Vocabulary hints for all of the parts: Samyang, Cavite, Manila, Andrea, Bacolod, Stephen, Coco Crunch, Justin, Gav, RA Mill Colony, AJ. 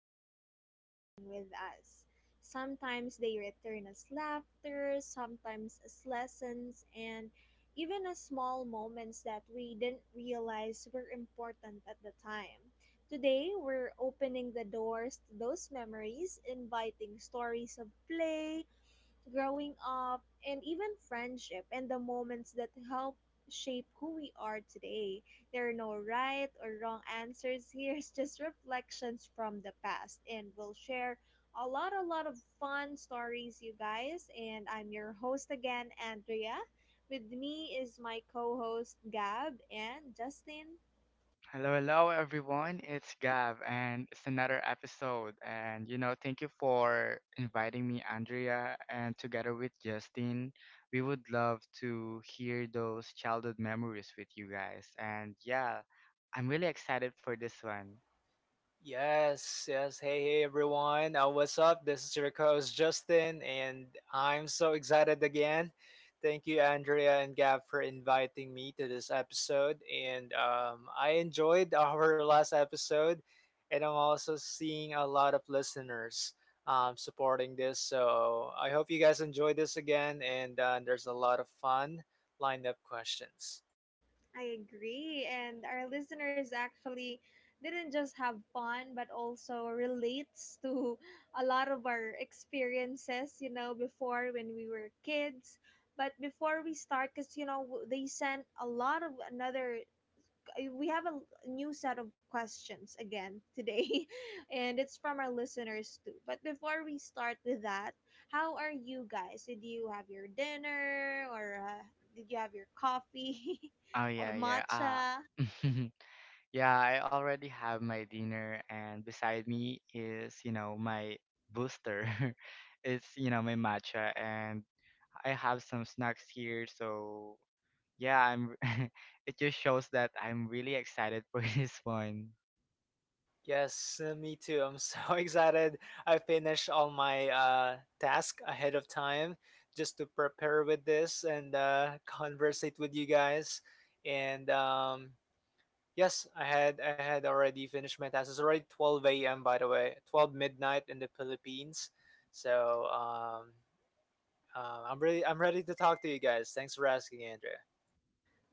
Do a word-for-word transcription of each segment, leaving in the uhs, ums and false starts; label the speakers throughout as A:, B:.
A: way of staying with us. Sometimes they return as laughter, sometimes as lessons, and even as small moments that we didn't realize were important at the time. Today, we're opening the doors to those memories, inviting stories of play, growing up, and even friendship and the moments that help shape who we are today. There are no right or wrong answers here, it's just reflections from the past, and we'll share a lot, a lot of fun stories, you guys. And I'm your host again, Andrea. With me is my co host, Gab and Justin.
B: Hello, hello everyone. It's Gav and it's another episode and you know, thank you for inviting me Andrea and together with Justin, we would love to hear those childhood memories with you guys. And yeah, I'm really excited for this one.
C: Yes, yes. Hey, hey, everyone. Uh, what's up? This is your host, Justin, and I'm so excited again. Thank you, Andrea and Gab, for inviting me to this episode. And um, I enjoyed our last episode, and I'm also seeing a lot of listeners um, supporting this. So I hope you guys enjoy this again, and uh, there's a lot of fun lined up questions.
A: I agree. And our listeners actually didn't just have fun, but also relates to a lot of our experiences, you know, before when we were kids. But before we start, because, you know, w- they sent a lot of another uh, we have a new set of questions again today, and it's from our listeners too. But before we start with that, how are you guys? Did you have your dinner, or uh, did you have your coffee,
B: Oh
A: or
B: yeah, yeah. Ah.
A: matcha?
B: yeah, I already have my dinner and beside me is, you know, my booster. it's, you know, my matcha and I have some snacks here, so yeah, I'm it just shows that I'm really excited for this one.
C: Yes, uh, me too. I'm so excited. I finished all my uh, task ahead of time just to prepare with this and uh, conversate with you guys. And um, yes, I had I had already finished my task. It's already twelve a m by the way, twelve midnight in the Philippines. So um, uh, I'm really I'm ready to talk to you guys. Thanks for asking, Andrea.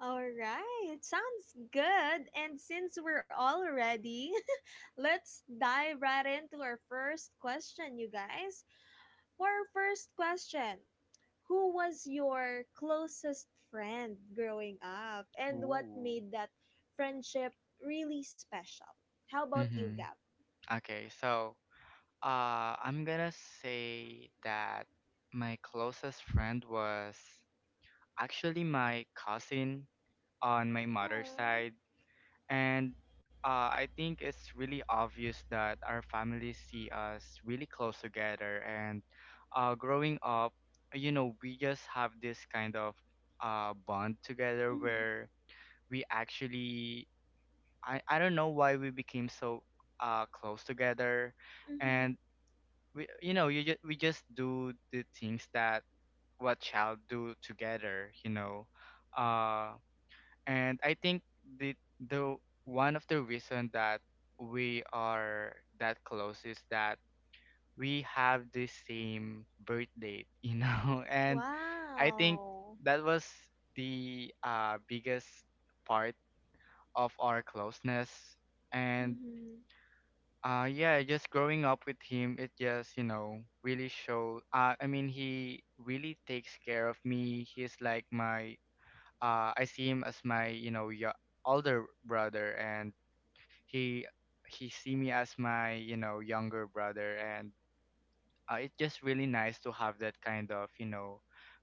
A: All right, sounds good. And since we're all ready, let's dive right into our first question, you guys. For our first question, who was your closest friend growing up and what
B: Ooh.
A: made that friendship really special? How about you,
B: Mm-hmm.
A: Gab?
B: Okay, so uh I'm gonna say that my closest friend was actually my cousin on my mother's
A: Aww.
B: side. And uh, I think it's really obvious that our families see us really close together. And uh, growing up, you know, we just have this kind of uh, bond together
A: Mm-hmm.
B: where we actually, I, I don't know why we became so uh, close together.
A: Mm-hmm.
B: And we, you know, you just, we just do the things that what child do together, you know. Uh, and I think the the one of the reason that we are that close is that we have the same birth date, you know, and I think
A: Wow.
B: that was the uh, biggest part of our closeness. And
A: Mm-hmm.
B: uh, yeah, just growing up with him, it just you know really show. Uh, I mean, he really takes care of me. He's like my uh, I see him as my you know yo- older brother, and he he see me as my you know younger brother, and uh, it's just really nice to have that kind of you know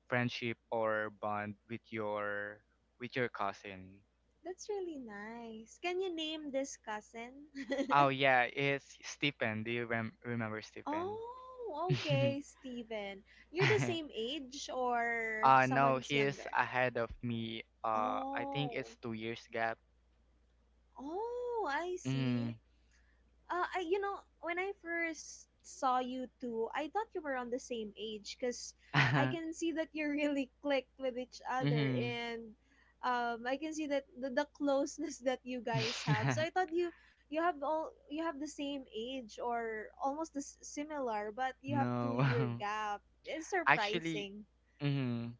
B: friendship or bond with your with your cousin.
A: That's really nice. Can you name this cousin?
B: Oh yeah, it's Stephen. Do you rem- remember Stephen?
A: Oh, okay, Steven. You're the same age or
B: uh no,
A: someone's
B: he is
A: younger?
B: ahead of me. Uh, I think it's
A: Oh,
B: two years gap.
A: oh, I see.
B: Mm.
A: Uh, I, you know, when I first saw you two, I thought you were on the same age because I can see that you really clicked with each other
B: mm-hmm.
A: and um, I can see that the, the closeness that you guys have. So I thought you you have all you have the same age or almost the s- similar, but you have two
B: no.
A: year gap. It's
B: Actually,
A: surprising.
B: mm-hmm,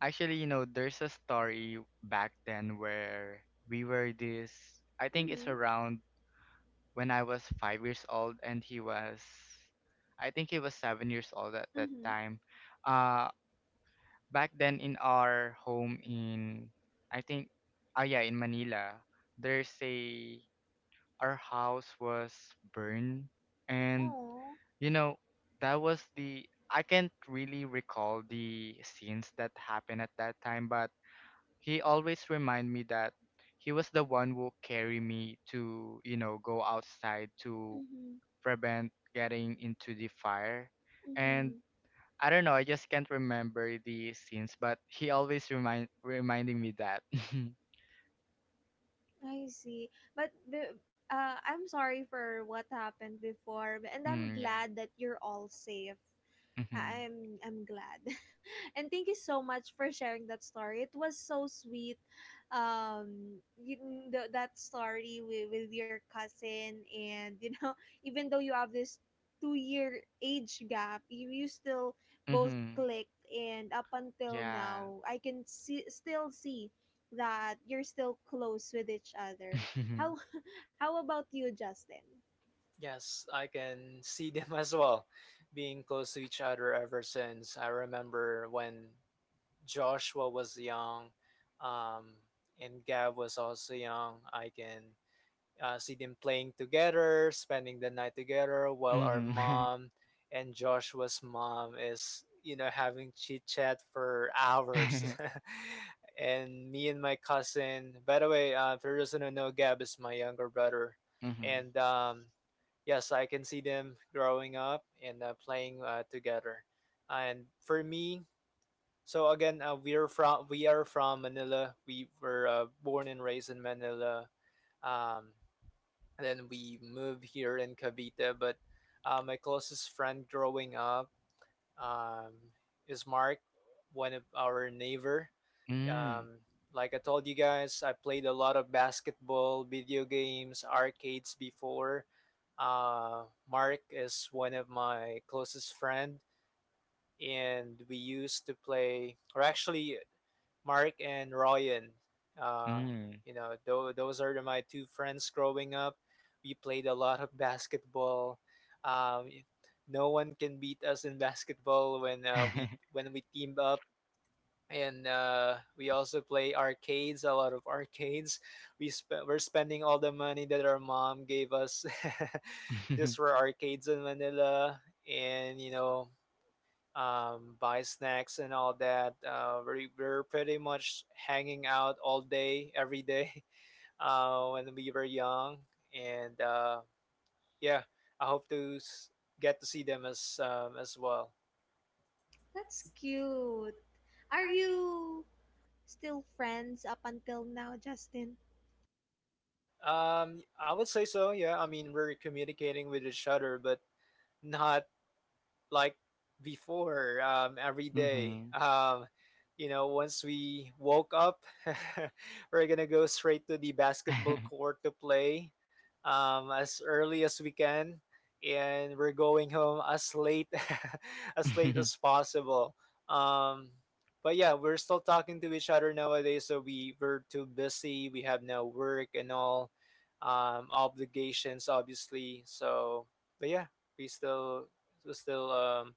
B: actually, you know, there's a story back then where we were this. I think it's
A: Mhm.
B: around when I was five years old, and he was, I think he was seven years old at that
A: Mhm.
B: time. Uh, back then in our home in, I think, ah yeah, in Manila, there's a our house was burned, and
A: Oh.
B: you know, that was the I can't really recall the scenes that happened at that time, but he always remind me that he was the one who carry me to, you know, go outside to
A: Mhm.
B: prevent getting into the fire. And
A: Mhm.
B: I don't know, I just can't remember the scenes, but he always remind reminding me that.
A: I see. But b- uh, I'm sorry for what happened before, and I'm
B: mm, yeah.
A: glad that you're all safe. I-
B: Mhm.
A: I'm I'm glad. And thank you so much for sharing that story. It was so sweet. Um you, mm, the, that story with, with your cousin and you know even though you have this two year age gap, you, you still both
B: Mhm.
A: clicked and up until
B: Yeah.
A: now I can see still see that you're still close with each other. How how about you, Justin?
C: Yes, I can see them as well, being close to each other ever since I remember when Joshua was young, um, and Gav was also young. I can uh, see them playing together, spending the night together, while our
B: Mhm.
C: mom and Joshua's mom is, you know, having chit chat for hours.
B: Mhm.
C: And me and my cousin, by the way, uh, for those who don't know, Gab is my younger brother.
B: Mhm.
C: And um, yes, I can see them growing up and uh, playing uh, together. And for me, so again, uh, we are from we are from Manila. We were uh, born and raised in Manila, um, and then we moved here in Cavite. But uh, my closest friend growing up um, is Mark, one of our neighbor.
B: Mm.
C: Um, like I told you guys, I played a lot of basketball, video games, arcades before. Uh, Mark is one of my closest friend, and we used to play, or actually, Mark and Ryan. Uh,
B: Mm.
C: you know, tho- those are my two friends growing up. We played a lot of basketball. Um, no one can beat us in basketball when uh, we when we team up. And uh, we also play arcades, a lot of arcades. We sp- we're spending all the money that our mom gave us just for arcades in Manila. And you know, um, buy snacks and all that. Uh, we were pretty much hanging out all day, every day uh, when we were young, and uh, yeah, I hope to s- get to see them as um, as well.
A: That's cute. Are you still friends up until now, Justin?
C: Um, I would say so. Yeah, I mean we're communicating with each other, but not like before um, every day.
B: Mhm.
C: Um, you know, once we woke up, we're gonna go straight to the basketball court to play um, as early as we can, and we're going home as late as late as possible. Um, but yeah, we're still talking to each other nowadays, so we were too busy. We have no work and all um, obligations, obviously. So, but yeah, we still we still um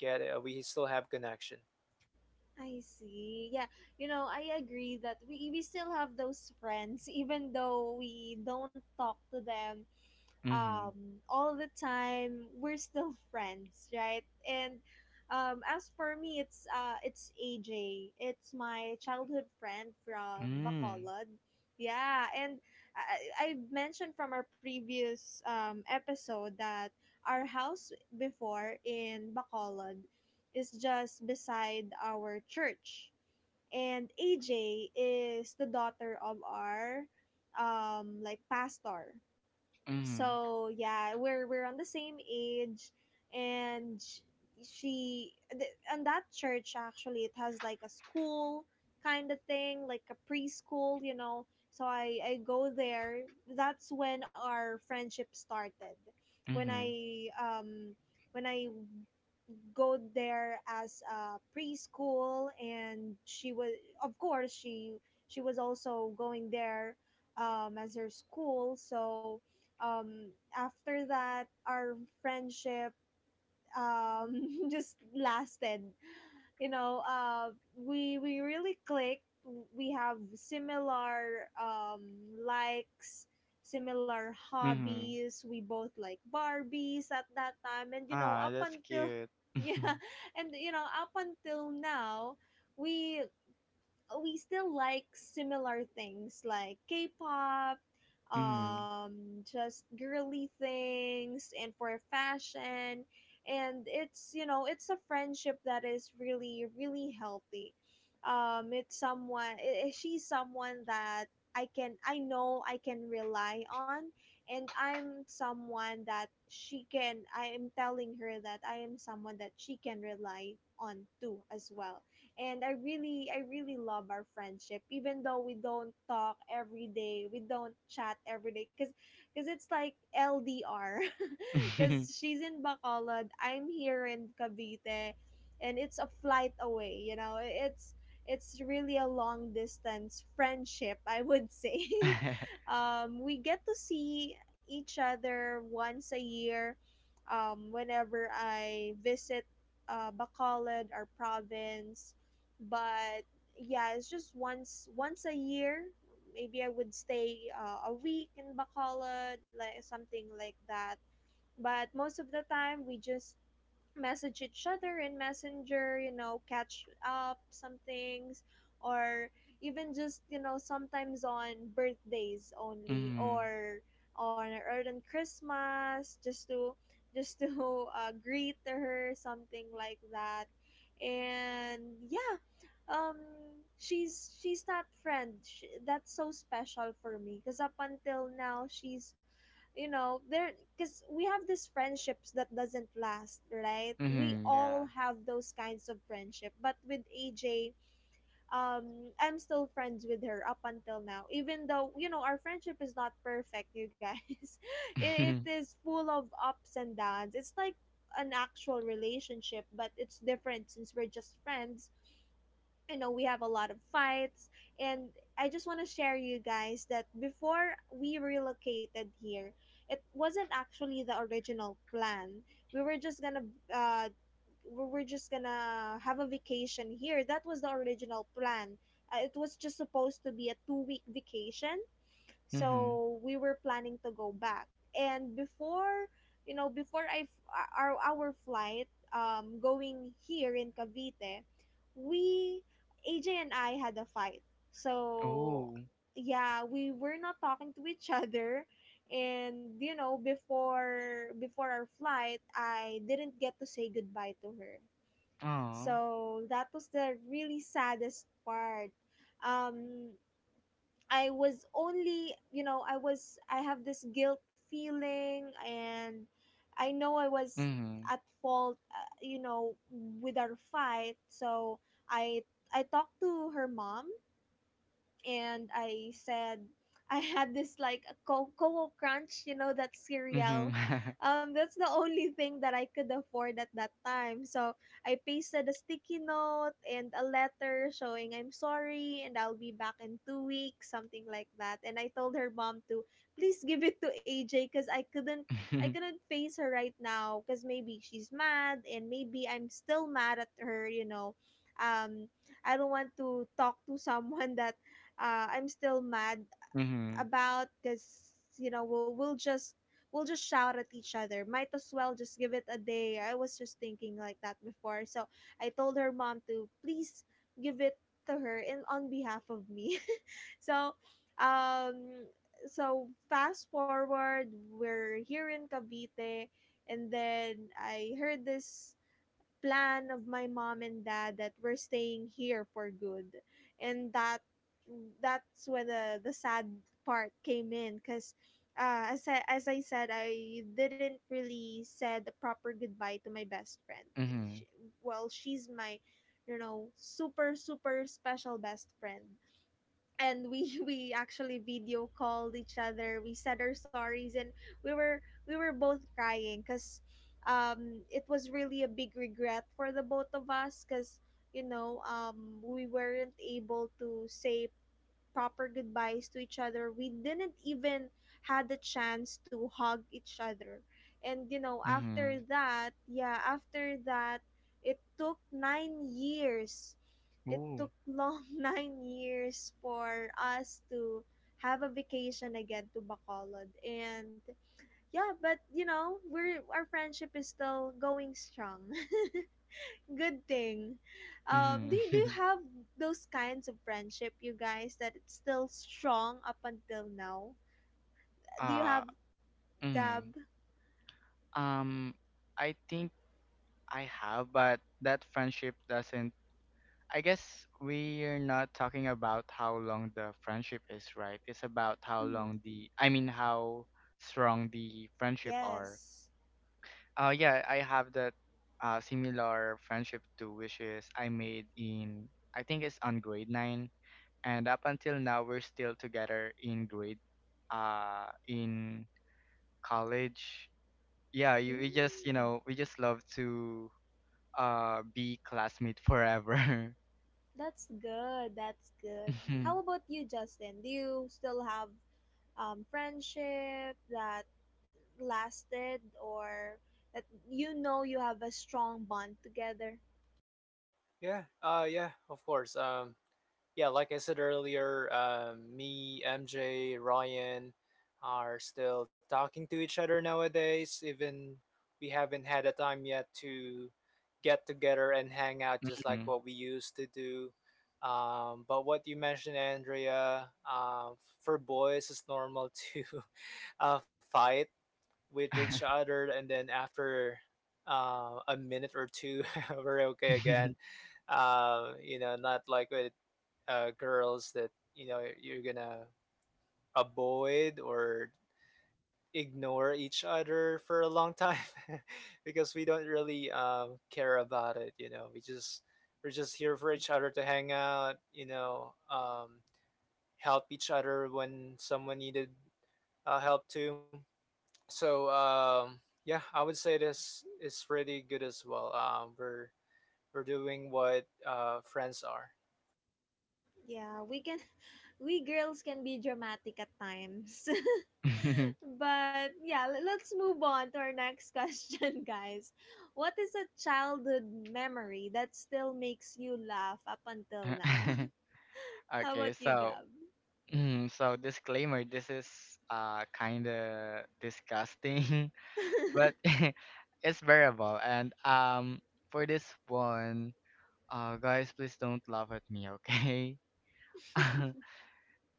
C: get uh, we still have connection.
A: I see. Yeah, you know, I agree that we we still have those friends even though we don't talk to them
B: Mhm.
A: um all the time, we're still friends, right? And um, as for me, it's uh it's A J, it's my childhood friend from
B: Mhm.
A: Bacolod, yeah. And I, I mentioned from our previous um episode that our house before in Bacolod is just beside our church, and A J is the daughter of our um like pastor.
B: Mm.
A: So yeah, we're we're on the same age, and sh- she th- and that church actually, it has like a school kind of thing, like a preschool, you know. So i i go there, that's when our friendship started, when
B: Mhm.
A: I um, when I go there as a preschool and she was, of course, she she was also going there um, as her school. So um, after that, our friendship um just lasted, you know. uh we we really clicked, we have similar um likes, similar
B: Mhm. Mhm.
A: hobbies, we both like barbies at that time, and you know
B: Ah,
A: up
B: that's
A: until
B: cute.
A: yeah. And you know up until now, we we still like similar things like K-pop,
B: Mhm. Mhm.
A: um, just girly things, and for fashion. And it's, you know, it's a friendship that is really really healthy. Um, it's someone i- i- she's someone that I can, I know I can rely on, and I'm someone that she can, I am telling her that I am someone that she can rely on too as well. And I really, I really love our friendship even though we don't talk every day, we don't chat every day, because because it's like ldr. Because she's in bacolod, I'm here in cavite, and it's a flight away, you know. it's it's really a long distance friendship, I would say. Um, we get to see each other once a year, um, whenever I visit uh, bacolod, our province. But yeah, it's just once once a year, maybe I would stay uh, a week in bacolod, like something like that. But most of the time we just message each other in messenger, you know, catch up some things, or even just, you know, sometimes on birthdays
B: Mhm.
A: only,
B: Mhm.
A: or on or on christmas, just to just to uh, greet her, something like that. And yeah, um, she's she's that friend, Sh that's so special for me, because up until now, she's, you know, there. Because we have these friendships that doesn't last, right? We
B: Mhm.
A: all
B: Yeah.
A: have those kinds of friendship, but with aj, um, I'm still friends with her up until now, even though you know our friendship is not perfect, you guys. it, it
B: Mhm.
A: is full of ups and downs, it's like an actual relationship but it's different since we're just friends. You know, we have a lot of fights. And I just want to share, you guys, that before we relocated here, it wasn't actually the original plan. We were just gonna uh we were just gonna have a vacation here, that was the original plan. Uh, it was just supposed to be a two week vacation,
B: Mhm.
A: so we were planning to go back. And before, you know, before i f- our our flight um going here in cavite, we, aj and I had a fight. So
B: Oh.
A: yeah, we were not talking to each other. And you know, before before our flight, I didn't get to say goodbye to her.
B: Aw.
A: So that was the really saddest part. Um, I was only, you know, I was, I have this guilt feeling, and I know I was
B: Mhm.
A: at fault, uh, you know, with our fight. So I, I talked to her mom, and I said I had this like a Co- Coco Crunch, you know, that
B: Mhm.
A: cereal. Um, that's the only thing that I could afford at that time. So I pasted a sticky note and a letter showing I'm sorry and I'll be back in two weeks, something like that. And I told her mom to please give it to A J because I couldn't, I
B: Mhm.
A: couldn't face her right now because maybe she's mad and maybe I'm still mad at her, you know. Um, I don't want to talk to someone that uh, I'm still mad
B: Mhm.
A: about, because you know we'll we'll just we'll just shout at each other. Might as well just give it a day. I was just thinking like that before. So I told her mom to please give it to her in on behalf of me. So, um, so fast forward, we're here in Cavite, and then I heard this plan of my mom and dad that we're staying here for good. And that that's where the the sad part came in. Because uh, as, I, as I said, I didn't really said the proper goodbye to my best friend.
B: Mhm.
A: She, well, she's my, you know, super, super special best friend. And we we actually video called each other, we said our sorries, and we were, we were both crying because um it was really a big regret for the both of us, because you know um we weren't able to say proper goodbyes to each other. We didn't even had the chance to hug each other. And you know,
B: Mhm.
A: after that, yeah, after that, it took nine years. It
B: Ooh.
A: took long nine years for us to have a vacation again to Bacolod. And yeah, but you know, we're, our friendship is still going strong. Good thing. Um,
B: Mhm.
A: do you, do you have those kinds of friendship, you guys, that it's still strong up until now? Do you have,
B: Ah.
A: Gab?
B: Mhm. Um, I think I have, but that friendship doesn't I guess we're not talking about how long the friendship is, right? It's about how
A: Mm,
B: long the, I mean, how strong the friendship are.
A: yes.
B: Uh, yeah, I have that uh, similar friendship too, which is I made in, I think it's on grade nine, and up until now we're still together in grade, uh, in college. Yeah, you, we just, you
A: Mm,
B: know, we just love to uh be classmate forever.
A: that's good. That's good.
B: Mhm,
A: How about you, Justin? Do you still have um, friendship that lasted, or that, you know, you have a strong bond together?
C: Yeah. Uh. Yeah. Of course. Um. Yeah. Like I said earlier, um, me, M J, Ryan are still talking to each other nowadays. Even we haven't had a time yet to get together and hang out just like
B: mhm.
C: what we used to do. Um, but what you mentioned, Andrea, uh, for boys, it's normal to uh, fight with each other, and then after uh, a minute or two, we're okay again. Um, you know, not like with uh, girls that you know you're gonna avoid or ignore each other for a long time because we don't really um, care about it. You know, we just we're just here for each other to hang out. You know, um, help each other when someone needed uh, help too. So um, yeah, I would say this is pretty good as well. Um, we're we're doing what uh, friends are.
A: Yeah, we can. We girls can be dramatic at times. But yeah, le- let's move on to our next question, guys. What is a childhood memory that still makes you laugh up until now? How
B: Okay,
A: about you,
B: so
A: Gab?
B: mm, so disclaimer, this is uh kind of disgusting, but it's bearable. And um for this one, uh guys, please don't laugh at me, okay?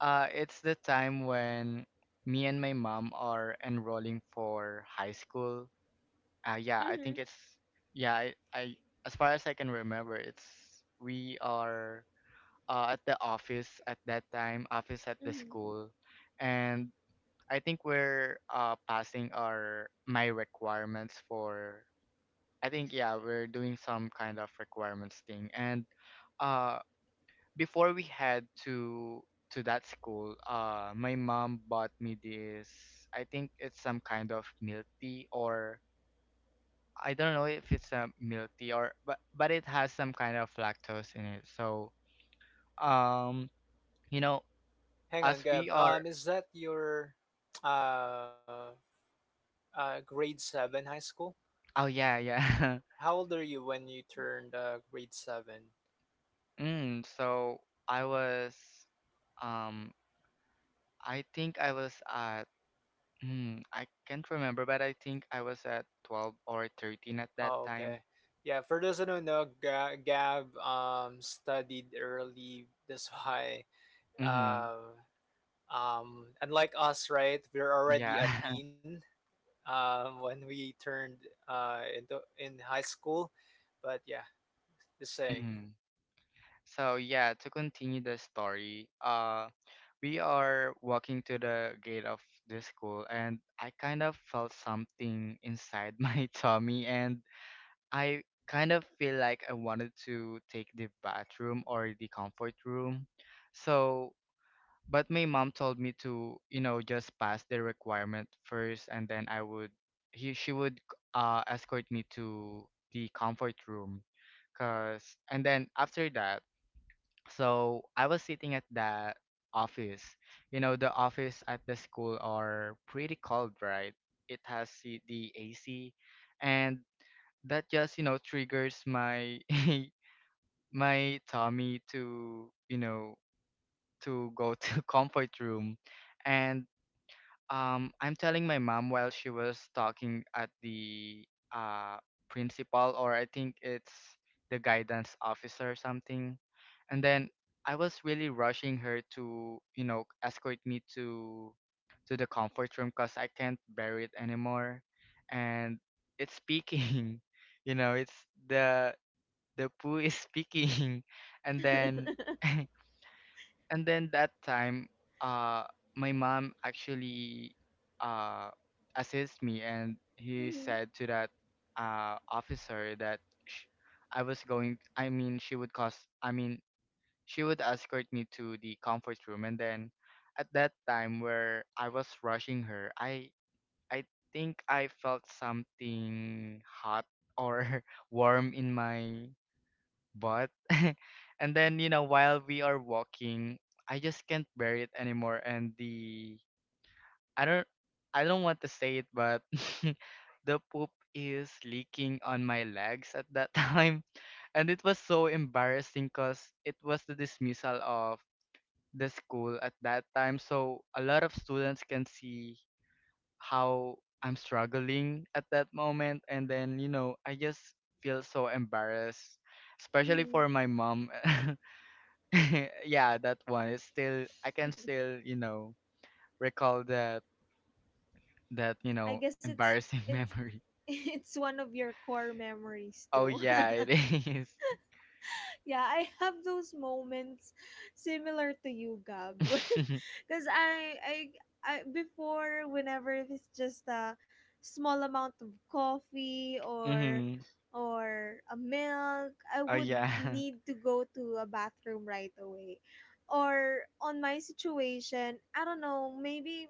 B: Uh it's the time when me and my mom are enrolling for high school. Uh yeah, I
A: Mm-hmm,
B: think it's yeah, I, I as far as I can remember, it's we are uh, at the office at that time, office at the
A: mm-hmm.
B: school, and I think we're uh, passing our my requirements for. I think yeah, we're doing some kind of requirements thing, and uh, before we head to to that school, uh, my mom bought me this. I think it's some kind of milk tea, or I don't know if it's a milk tea, or but but it has some kind of lactose in it. So um, you know,
C: Hang on,
B: as we
C: Gab.
B: are
C: Um, is that your uh, uh, grade seven high school?
B: Oh yeah, yeah.
C: How old are you when you turned uh, grade seven?
B: Mm, so I was um I think I was at mm, I can't remember but I think I was at twelve or thirteen at that
C: Oh, okay.
B: time.
C: Yeah, for those who don't know, Ga- Gab um, studied early. That's why,
B: Mhm.
C: uh, um, unlike us, right? We're already
B: Yeah.
C: a teen um, when we turned uh, into in high school. But yeah, just saying.
B: Mm. So yeah, to continue the story, uh we are walking to the gate of the school and I kind of felt something inside my tummy and I kind of feel like I wanted to take the bathroom or the comfort room. So, but my mom told me to, you know, just pass the requirement first and then I would he she would uh escort me to the comfort room cuz and then after that, so I was sitting at the office. You know, the office at the school are pretty cold, right? It has the the A C and that just you know triggers my my tummy to you know to go to comfort room and um I'm telling my mom while she was talking at the uh principal or I think it's the guidance officer or something and then I was really rushing her to you know escort me to to the comfort room because I can't bear it anymore and it's speaking you know it's the the poo is speaking and then and then that time uh my mom actually uh assist me and he
A: Mm-hmm,
B: said to that uh officer that sh- I was going I mean she would cause I mean she would escort me to the comfort room and then at that time where I was rushing her I I think I felt something hot or warm in my but and then you know while we are walking, I just can't bear it anymore. And the I don't I don't want to say it, but the poop is leaking on my legs at that time, and it was so embarrassing because it was the dismissal of the school at that time. So a lot of students can see how I'm struggling at that moment, and then you know I just feel so embarrassed especially
A: mm-hmm.
B: for my mom yeah, that one is still I can still, you know, recall that that, you
A: I
B: know,
A: guess it's
B: embarrassing
A: it's
B: memory.
A: it's one of your core memories
B: Oh
A: too.
B: yeah, it is.
A: Yeah, I have those moments similar to you, Gab. Because I, I, I, before, whenever if it's just a small amount of coffee or
B: mhm.
A: or a milk, I
B: Oh
A: would
B: yeah.
A: need to go to a bathroom right away. Or on my situation, I don't know, maybe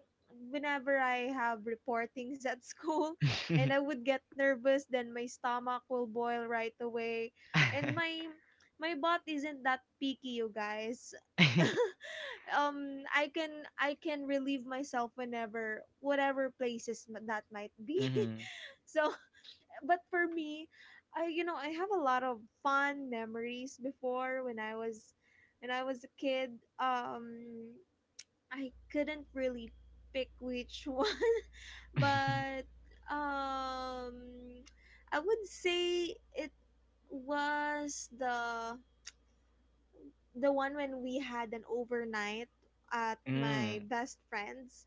A: whenever I have reportings at school and I would get nervous, then my stomach will boil right away. And my my bot isn't that picky, you guys. um I can I can relieve myself whenever whatever places m- that might be.
B: mhm.
A: So, but for me, I you know, I have a lot of fun memories before when I was when I was a kid. Um I couldn't really pick which one, but um I would say it was the the one when we had an overnight at my
B: mm.
A: best friend's,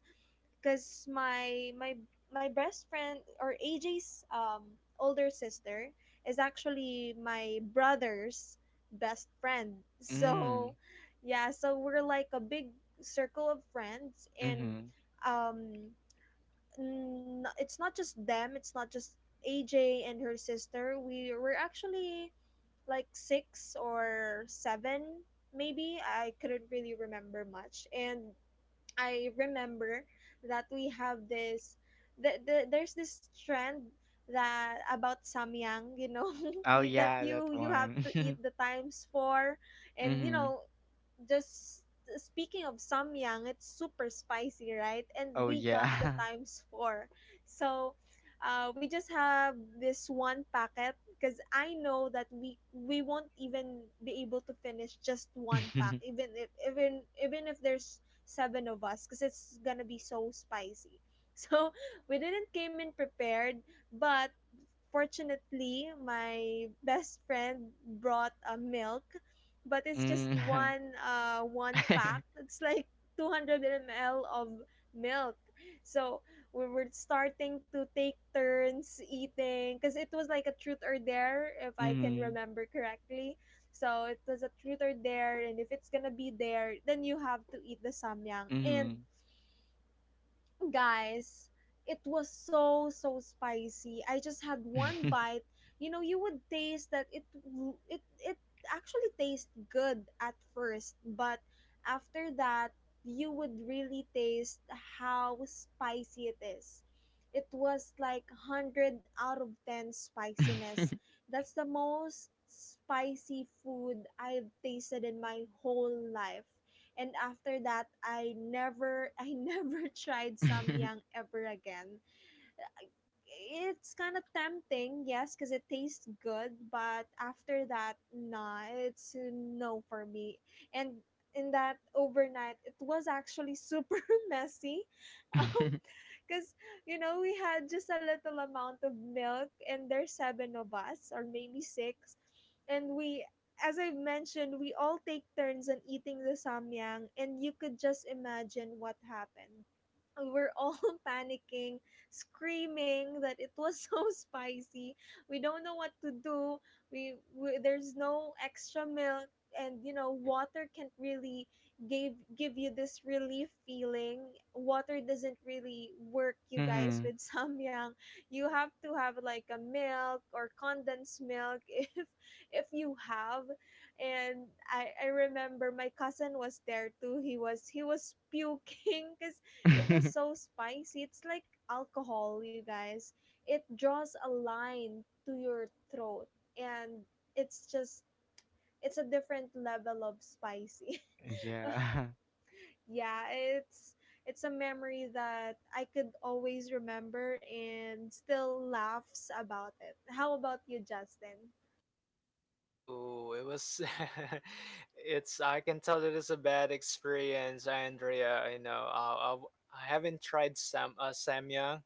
A: because my my my best friend or A J's um older sister is actually my brother's best friend.
B: Mm.
A: So yeah, so we're like a big circle of friends. And
B: Mhm.
A: um n- it's not just them, it's not just AJ and her sister. We were actually like six or seven, maybe. I couldn't really remember much. And I remember that we have this, the, the, there's this trend that about samyang, you know,
B: Oh
A: you- that
B: yeah, that
A: you you have
B: one.
A: to eat the times four. And you
B: mhm.
A: know, just speaking of samyang, it's super spicy, right? And
B: Oh
A: we got the
B: yeah.
A: times four. So uh, we just have this one packet, because I know that we we won't even be able to finish just one pack, even if even even if there's seven of us, because it's gonna be so spicy. So we didn't came in prepared, but fortunately my best friend brought a milk, but it's just
B: mm.
A: one uh one pack. It's like two hundred m l of milk. So we were starting to take turns eating, because it was like a truth or dare, if I can
B: mhm.
A: remember correctly. So it was a truth or dare, and if it's gonna be there, then you have to eat the samyang. And
B: Mhm.
A: guys, it was so so spicy. I just had one bite. You know, you would taste that it w- it it actually tastes good at first, but after that, you would really taste how spicy it is. It was like one hundred out of ten spiciness. That's the most spicy food I've tasted in my whole life. And after that, I never I never tried samyang ever again. It's kind of tempting, yes, because it tastes good, but after that, nah, it's a no for me. And in that overnight, it was actually super messy. Um, because, you know, we had just a little amount of milk, and there's seven of us, or maybe six. And we, as I've mentioned, we all take turns on eating the samyang, and you could just imagine what happened. We were all panicking, screaming that it was so spicy. We don't know what to do. We, we there's no extra milk, and you know water can't really gave give you this relief feeling. Water doesn't really work, you guys,
B: mhm.
A: with samyang. You have to have like a milk or condensed milk if if you have and i i remember my cousin was there too. He was he was puking because it was so spicy. It's like alcohol, you guys, it draws a line to your throat. And it's just, it's a different level of spicy.
B: Yeah.
A: Yeah, it's it's a memory that I could always remember and still laughs about it. How about you, Justin?
C: Ooh, it was. It's. I can tell that it's a bad experience, Andrea. You know, I, I, I haven't tried Sam uh, Samyang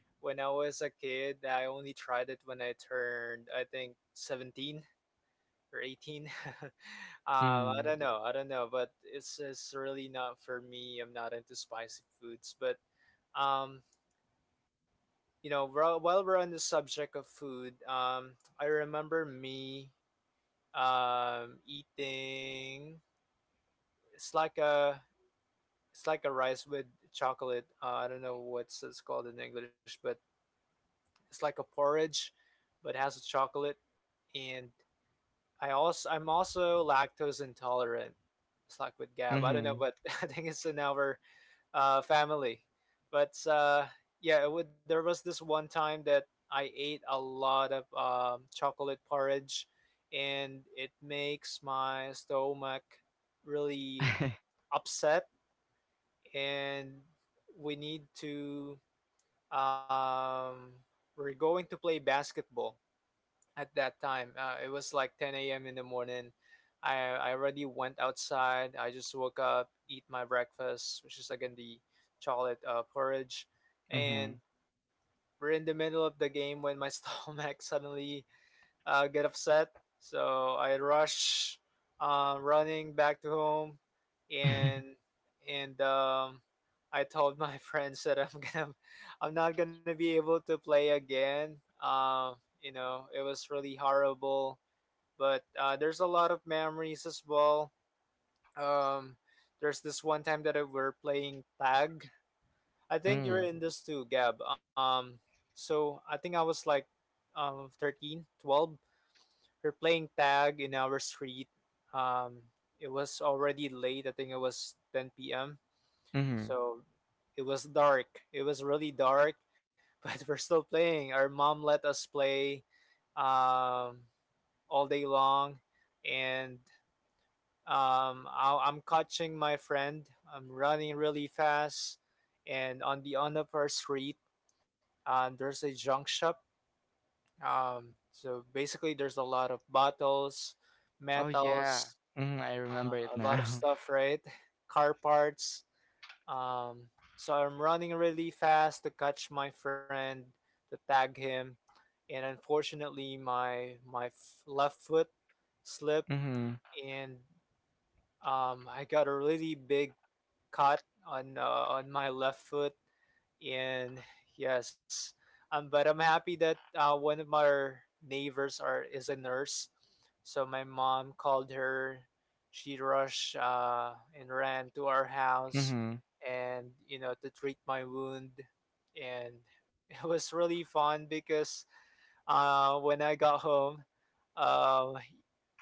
C: when I was a kid. I only tried it when I turned, I think, seventeen or eighteen. um, I
B: Mm.
C: don't know. I don't know, but it's it's really not for me. I'm not into spicy foods, but um you know, while while we're on the subject of food, um, I remember me um eating. It's like a it's like a rice with chocolate. Uh, I don't know what's it's called in English, but it's like a porridge, but it has a chocolate. And I also I'm also lactose intolerant. It's like with
B: Mm-hmm.
C: Gab. I don't know, but I think it's in our uh, family. But uh, yeah, it would, there was this one time that I ate a lot of um, chocolate porridge, and it makes my stomach really upset. And we need to um, we're going to play basketball at that time. Uh, it was like ten a m in the morning. I, I already went outside. I just woke up, eat my breakfast, which is again the chocolate uh, porridge.
B: Mm-hmm.
C: And we're in the middle of the game when my stomach suddenly uh, get upset. So I rush um, running back to home, and and um, I told my friends that I'm gonna I'm not gonna be able to play again. Um, you know, it was really horrible. But uh, there's a lot of memories as well. Um, there's this one time that I were playing tag. I think you're
B: Mm.
C: in this too, Gab. Um, so I think I was like um thirteen, twelve, we're playing tag in our street. Um, it was already late. I think it was ten p m.
B: Mm-hmm.
C: So it was dark. It was really dark, but we're still playing. Our mom let us play um, all day long, and um, I- I'm catching my friend. I'm running really fast, and on the end of our street, uh, there's a junk shop. Um, so basically, there's a lot of bottles,
B: Oh yeah.
C: metals,
B: Mm, I remember it
C: uh, a lot of
B: now.
C: stuff, right? Car parts. Um, so I'm running really fast to catch my friend, to tag him, and unfortunately, my my f- left foot slipped, and um, I got a really big caught on uh, on my left foot, and yes, um, but I'm happy that uh, one of our neighbors are is a nurse, so my mom called her. She rushed uh, and ran to our house,
B: Mm-hmm.
C: and you know, to treat my wound, and it was really fun because uh, when I got home, uh,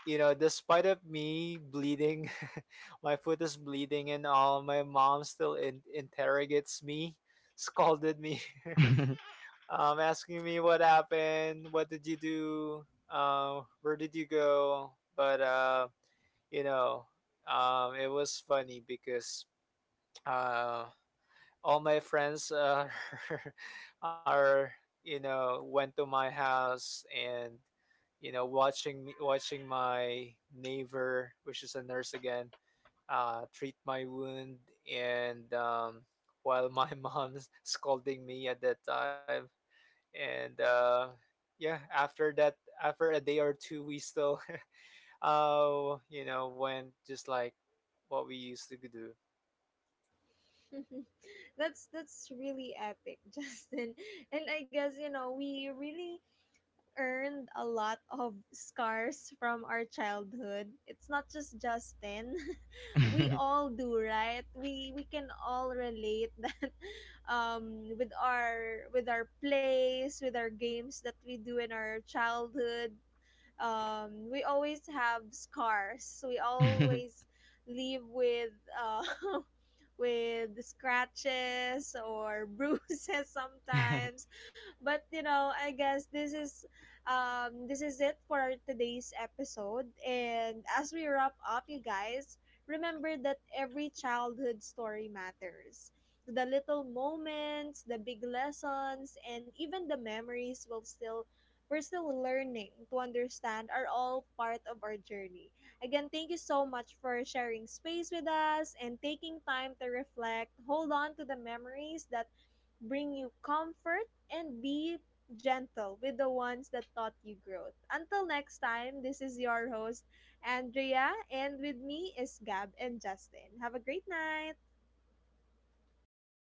C: you know, despite of me bleeding, my foot is bleeding and all, my mom still in- interrogates me, scolded me, um, asking me what happened, what did you do, um, where did you go? But uh, you know, um, it was funny because uh, all my friends uh, are you know went to my house and you know, watching me, watching my neighbor, which is a nurse again, uh, treat my wound, and um, while my mom's scolding me at that time, and uh, yeah, after that, after a day or two, we still, uh, you know, went just like what we used to do.
A: that's that's really epic, Justin. And I guess, you know, we really earned a lot of scars from our childhood. It's not just Justin, we all do, right? We we can all relate that, um with our with our plays, with our games that we do in our childhood. um, we always have scars. We
B: Mm-hmm.
A: always leave with uh, with scratches or bruises sometimes. But you know, I guess this is um, this is it for today's episode. And as we wrap up, you guys, remember that every childhood story matters. The little moments, the big lessons, and even the memories will still we're still learning to understand are all part of our journey. Again, thank you so much for sharing space with us and taking time to reflect. Hold on to the memories that bring you comfort, and be gentle with the ones that taught you growth. Until next time, this is your host, Andrea, and with me is Gab and Justin. Have a great night.